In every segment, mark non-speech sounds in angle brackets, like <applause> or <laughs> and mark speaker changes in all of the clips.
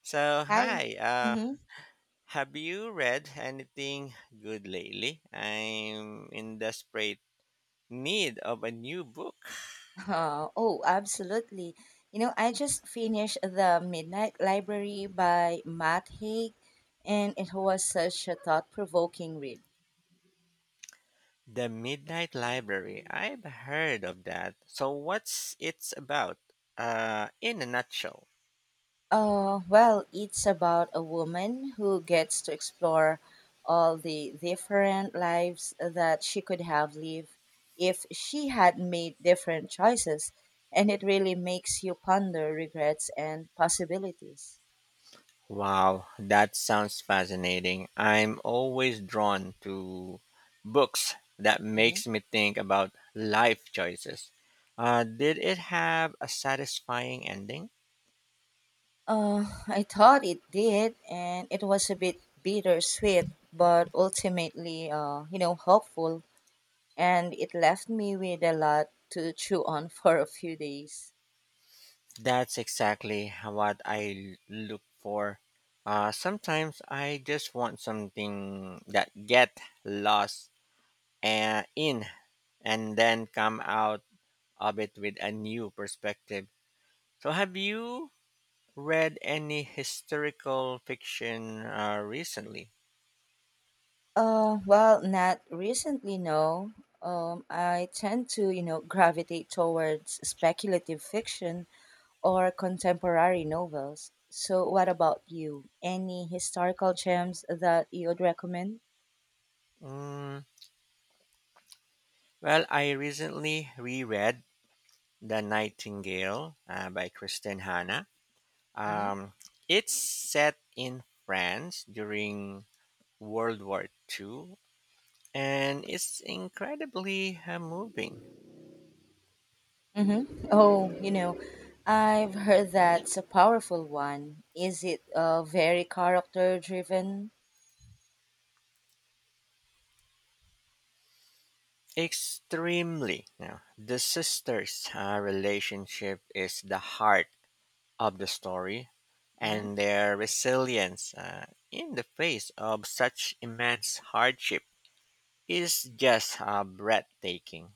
Speaker 1: So,
Speaker 2: Hi.
Speaker 1: hi.
Speaker 2: Mm-hmm. <laughs>
Speaker 1: Have you read anything good lately? I'm in desperate need of a new book.
Speaker 2: Oh, absolutely. You know, I just finished The Midnight Library by Matt Haig, and it was such a thought provoking read.
Speaker 1: The Midnight Library. I've heard of that. So, what's it's about? In a nutshell.
Speaker 2: Well, it's about a woman who gets to explore all the different lives that she could have lived if she had made different choices, and it really makes you ponder regrets and possibilities.
Speaker 1: Wow, that sounds fascinating. I'm always drawn to books that
Speaker 2: Mm-hmm.
Speaker 1: makes me think about life choices. Did it have a satisfying ending?
Speaker 2: I thought it did, and it was a bit bittersweet, but ultimately, hopeful. And it left me with a lot to chew on <laughs> for a few days.
Speaker 1: That's exactly what I look for. Sometimes I just want something that get lost in and then come out of it with a new perspective. So, have you read any historical fiction recently?
Speaker 2: Well, not recently, no. I tend to, you know, gravitate towards speculative fiction or contemporary novels. So, what about you? Any historical gems that you would recommend?
Speaker 1: Mm, well, I recently reread *The Nightingale* by Kristen Hanna.
Speaker 2: Mm-hmm.
Speaker 1: Um, it's set in France during World War Two, and it's incredibly moving.
Speaker 2: Mm-hmm. Oh, you know, I've heard that's a powerful one. Is it very character driven?
Speaker 1: Extremely. Now, the sisters' relationship is the heart of the story,
Speaker 2: Mm-hmm.
Speaker 1: and their resilience in the face of such immense hardship is just breathtaking.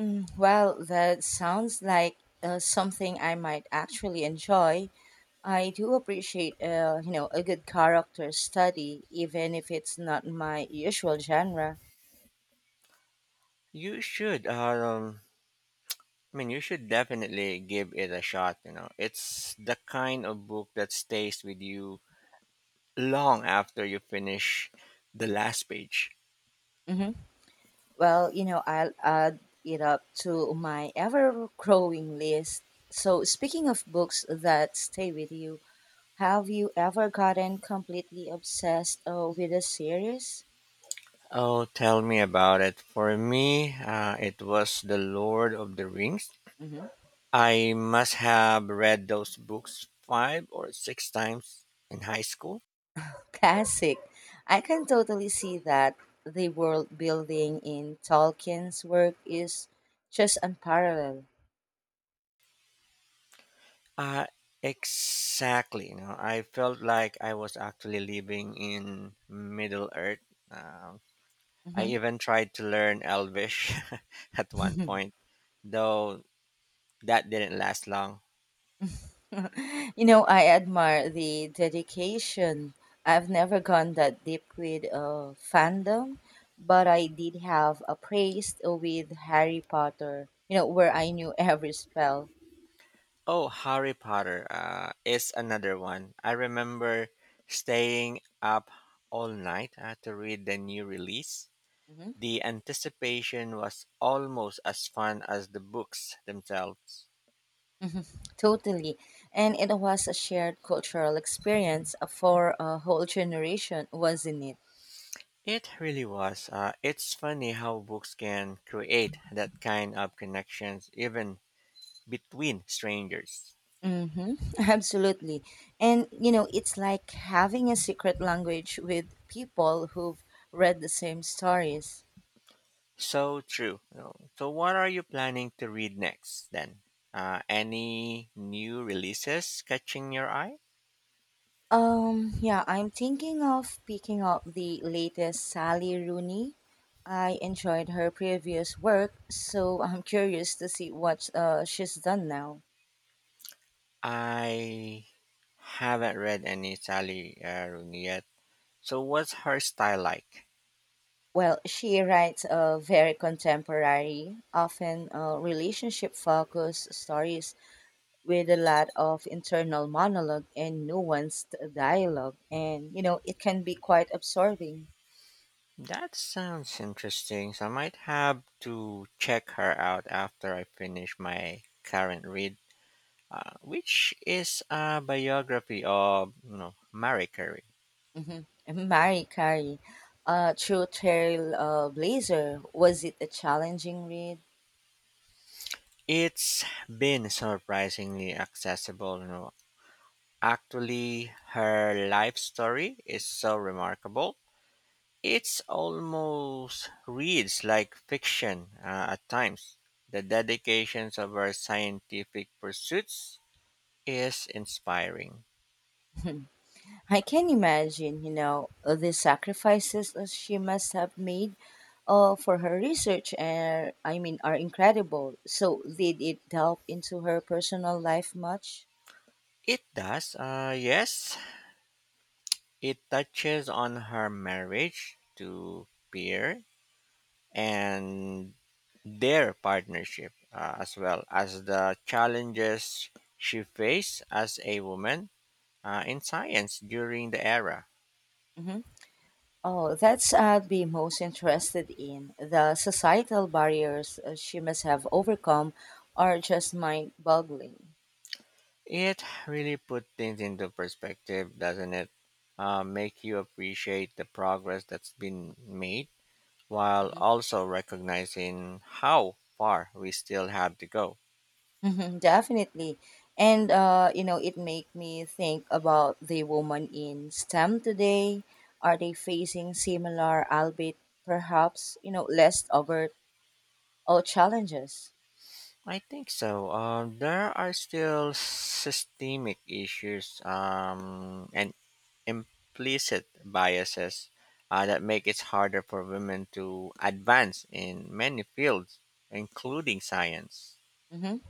Speaker 2: Mm, well, that sounds like something I might actually enjoy. I do appreciate, you know, a good character study, even if it's not my usual genre.
Speaker 1: You should, um, I mean, you should definitely give it a shot. You know, it's the kind of book that stays with you long after you finish the last page.
Speaker 2: Hmm Well, you know, I'll add it up to my ever-growing list. So, speaking of books that stay with you, have you ever gotten completely obsessed with a series?
Speaker 1: Oh, tell me about it. For me, it was The Lord of the Rings.
Speaker 2: Hmm
Speaker 1: I must have read those books five or six times in high school.
Speaker 2: Classic. I can totally see that the world building in Tolkien's work is just unparalleled.
Speaker 1: Uh, exactly. You know, I felt like I was actually living in Middle Earth. Um I
Speaker 2: Mhm.
Speaker 1: even tried to learn Elvish <laughs> at one point, though that didn't last long.
Speaker 2: You know, I admire the dedication. I've never gone that deep with fandom, but I did have a praise with Harry Potter, you know, where I knew <laughs> every spell.
Speaker 1: Oh, Harry Potter is another one. I remember staying up all night to read the new release. The anticipation was almost as fun as the books themselves.
Speaker 2: Totally. And it was a shared cultural experience for a whole generation, wasn't it?
Speaker 1: It really was. It's funny how books can create that kind of connections even between strangers.
Speaker 2: Mm-hmm. <laughs> Absolutely. And, you know, it's like having a secret language with people who've read the same stories.
Speaker 1: So true, you know. So, what are you planning to read next then? Any new releases catching your eye?
Speaker 2: Yeah, I'm thinking of picking up the latest Sally Rooney. I enjoyed her previous work, so I'm <laughs> curious to see what she's done now.
Speaker 1: I haven't read any Sally Aaron yet. So what's her style like?
Speaker 2: Well, she writes very contemporary, often relationship focused stories with a lot of internal monologue and nuanced dialogue. And, you know, it can be quite absorbing.
Speaker 1: That sounds interesting. So I might have to check her out after I finish my current read, which is a biography of, you know, Marie Curie.
Speaker 2: Hmm Mary Carey, True Trail Blazer, was it a challenging read?
Speaker 1: It's been surprisingly accessible. You know, actually, her life story is so remarkable. It's almost reads like fiction at times. The dedications of our scientific pursuits is inspiring.
Speaker 2: <laughs> I can imagine, you know, the sacrifices that she must have made for her research and I mean are incredible. So did it delve into her personal life much?
Speaker 1: It does, yes. It touches on her marriage to Pierre and their partnership, as well as the challenges she faced as a woman in science during the era.
Speaker 2: Hmm Oh, that's I'd be most interested in. The societal barriers she must have overcome are just mind-boggling.
Speaker 1: It really put things into perspective, doesn't it? Make you appreciate the progress that's been made while
Speaker 2: Mm-hmm.
Speaker 1: also recognizing how far we still have to go.
Speaker 2: Mhm, definitely. And you know, it make me think about the woman in STEM today. Are they facing similar, albeit perhaps, you know, less overt or challenges?
Speaker 1: I think so. There are still systemic issues and implicit biases that make it harder for women to advance in many fields, including science.
Speaker 2: Hmm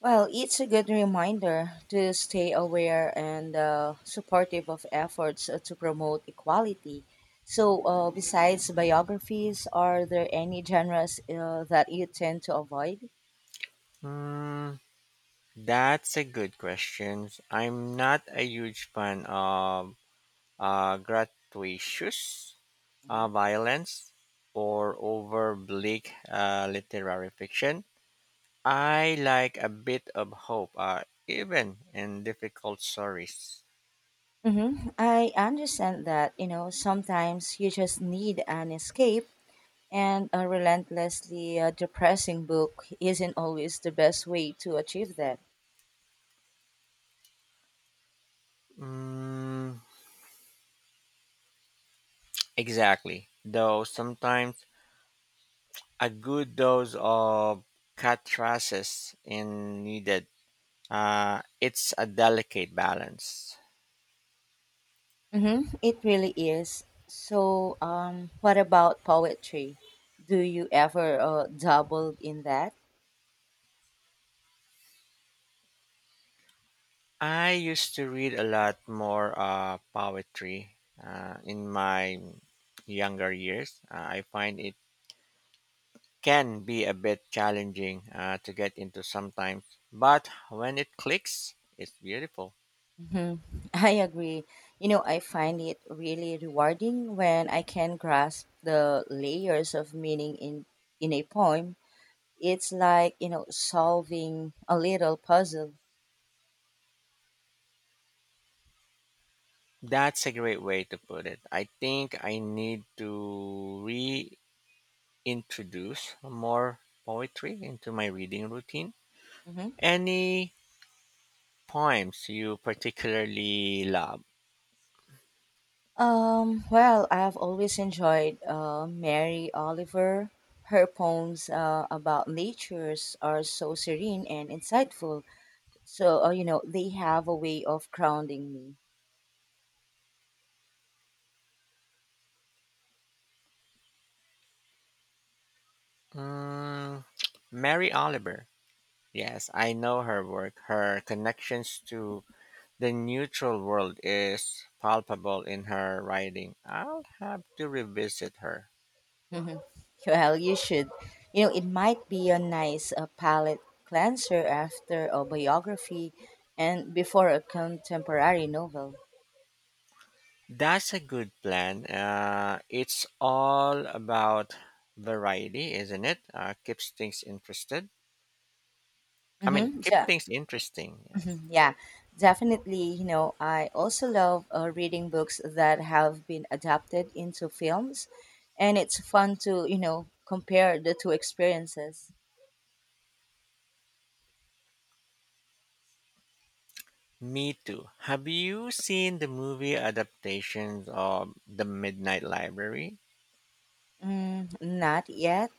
Speaker 2: Well, it's a good reminder to stay aware and supportive of efforts to promote equality. So, besides biographies, are there any genres that you tend to avoid?
Speaker 1: Hmm, that's a good question. I'm not a huge fan of gratuitous
Speaker 2: Mm-hmm.
Speaker 1: violence or over bleak literary fiction. I like a bit of hope, even in difficult stories.
Speaker 2: Mm-hmm. I understand that, you know, sometimes you just need an escape, and a relentlessly depressing book isn't always the best way to achieve that.
Speaker 1: Mm, exactly. Though sometimes a good dose of catharsis is needed. It's a delicate balance.
Speaker 2: Mm-hmm. It really is. So, what about poetry? Do you ever dabble in that?
Speaker 1: I used to read a lot more poetry in my younger years. I find it can be a bit challenging to get into sometimes, but when it clicks, it's beautiful.
Speaker 2: Mm-hmm. I agree. You know, I find it really rewarding when I can grasp the layers of meaning in a poem. It's like, you know, solving a little puzzle.
Speaker 1: That's a great way to put it. I think I need to reintroduce more poetry into my reading routine.
Speaker 2: Hmm
Speaker 1: Any poems you particularly love?
Speaker 2: Well, I've always enjoyed Mary Oliver. Her poems about natures are so serene and insightful. So, you know, they have a way of grounding me.
Speaker 1: Mm, Mary Oliver. Yes, I know her work. Her connections to the neutral world is palpable in her writing. I'll have to revisit her.
Speaker 2: Mhm. Well, you should. You know, it might be a nice palette cleanser after a biography and before a contemporary novel.
Speaker 1: That's a good plan. It's all about variety, isn't it? Keeps things interested. I mean,
Speaker 2: Mm-hmm.
Speaker 1: keep
Speaker 2: Yeah.
Speaker 1: things interesting.
Speaker 2: <laughs>
Speaker 1: Yes.
Speaker 2: Mhm, yeah, definitely. You know, I also love reading books that have been adapted into films, and it's fun to, you know, compare the two experiences.
Speaker 1: Me too. Have you seen the movie adaptations of The Midnight Library?
Speaker 2: Mm, not yet.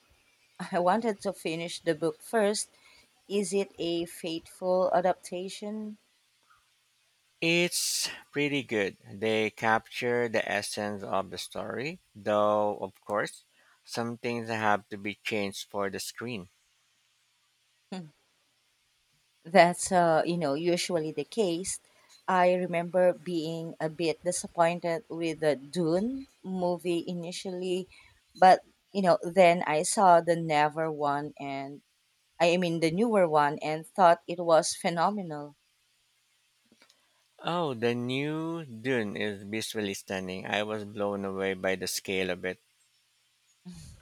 Speaker 2: <laughs> I wanted to finish the book first. Is it a faithful adaptation?
Speaker 1: It's pretty good. They capture the essence of the story, though, of course, some things have to be changed for the screen.
Speaker 2: <laughs> That's you know usually the case. I remember being a bit disappointed with the Dune movie initially, but you know then I saw the Never one and I mean the newer one and thought it was phenomenal.
Speaker 1: Oh, the new Dune is visually stunning. I was blown away by the scale of it.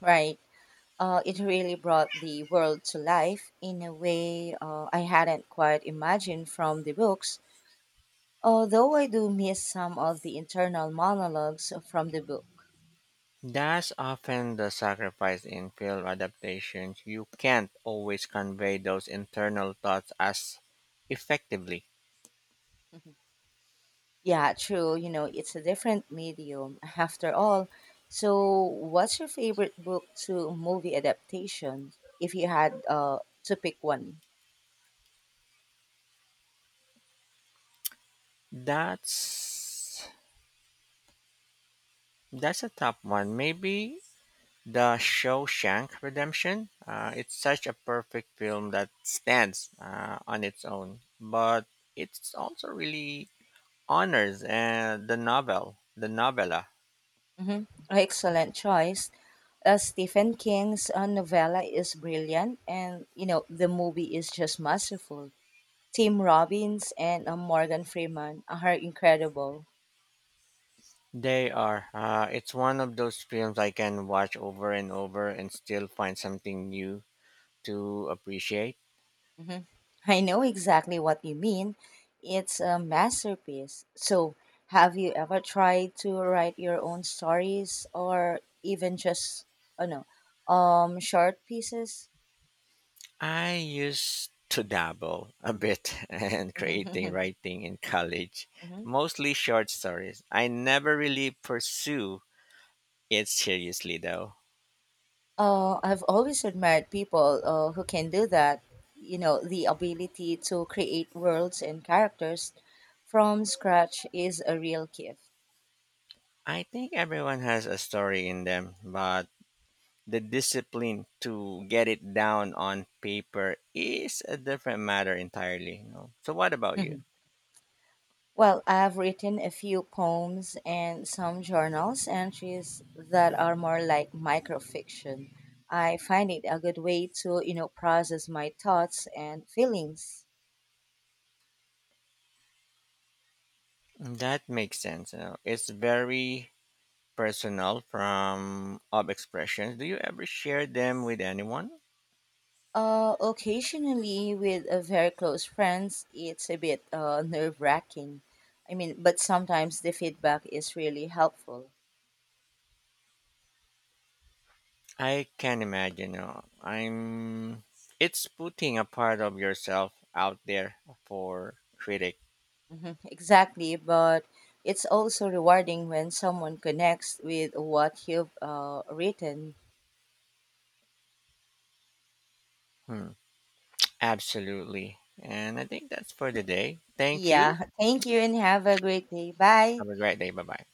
Speaker 2: Right? It really brought the world to life in a way I hadn't quite imagined from the books. Although I do miss some of the internal monologues from the book.
Speaker 1: That's often the sacrifice in film adaptations. You can't always convey those internal thoughts as effectively.
Speaker 2: <laughs> Yeah, true. You know, it's a different medium after all. So, what's your favorite book to movie adaptation if you had to pick one?
Speaker 1: That's that's a tough one. Maybe The Shawshank Redemption, it's such a perfect film that stands on its own, but it's also really honors the novel, the novella.
Speaker 2: Mm-hmm. Excellent choice. Stephen King's novella is brilliant, and you know, the movie is just masterful. Tim Robbins and Morgan Freeman are incredible.
Speaker 1: They are. It's one of those films I can watch over and over and still find something new to appreciate.
Speaker 2: Hmm I know exactly what you mean. It's a masterpiece. So, have you ever tried to write your own stories or even just, oh no, short pieces?
Speaker 1: I used to dabble a bit <laughs> in creating
Speaker 2: Mm-hmm.
Speaker 1: writing in college,
Speaker 2: <laughs> hmm
Speaker 1: mostly short stories. I never really pursue it's seriously though.
Speaker 2: I've always admired people who can do that. You know, the ability to create worlds and characters from scratch is a real gift.
Speaker 1: I think everyone has a story in them, but the discipline to get it down on paper is a different matter entirely. You know? So what about you?
Speaker 2: <laughs> Well, I've written a few poems and some journals entries that are more like microfiction. I find it a good way to, you know, process my thoughts and feelings.
Speaker 1: That makes sense. You know? It's very personal from of expressions. Do you ever share them with anyone?
Speaker 2: Occasionally with a very close friends, it's a bit nerve-wracking. I mean, but sometimes the feedback is really helpful.
Speaker 1: I can imagine. You know, I'm. It's putting a part of yourself out there for critic.
Speaker 2: Hmm Exactly, but it's also rewarding when someone connects with what you've written.
Speaker 1: Hmm. Absolutely. And I think that's for the day. Thank you.
Speaker 2: Yeah. Thank you and have a great day. Bye.
Speaker 1: Have a great day. Bye bye.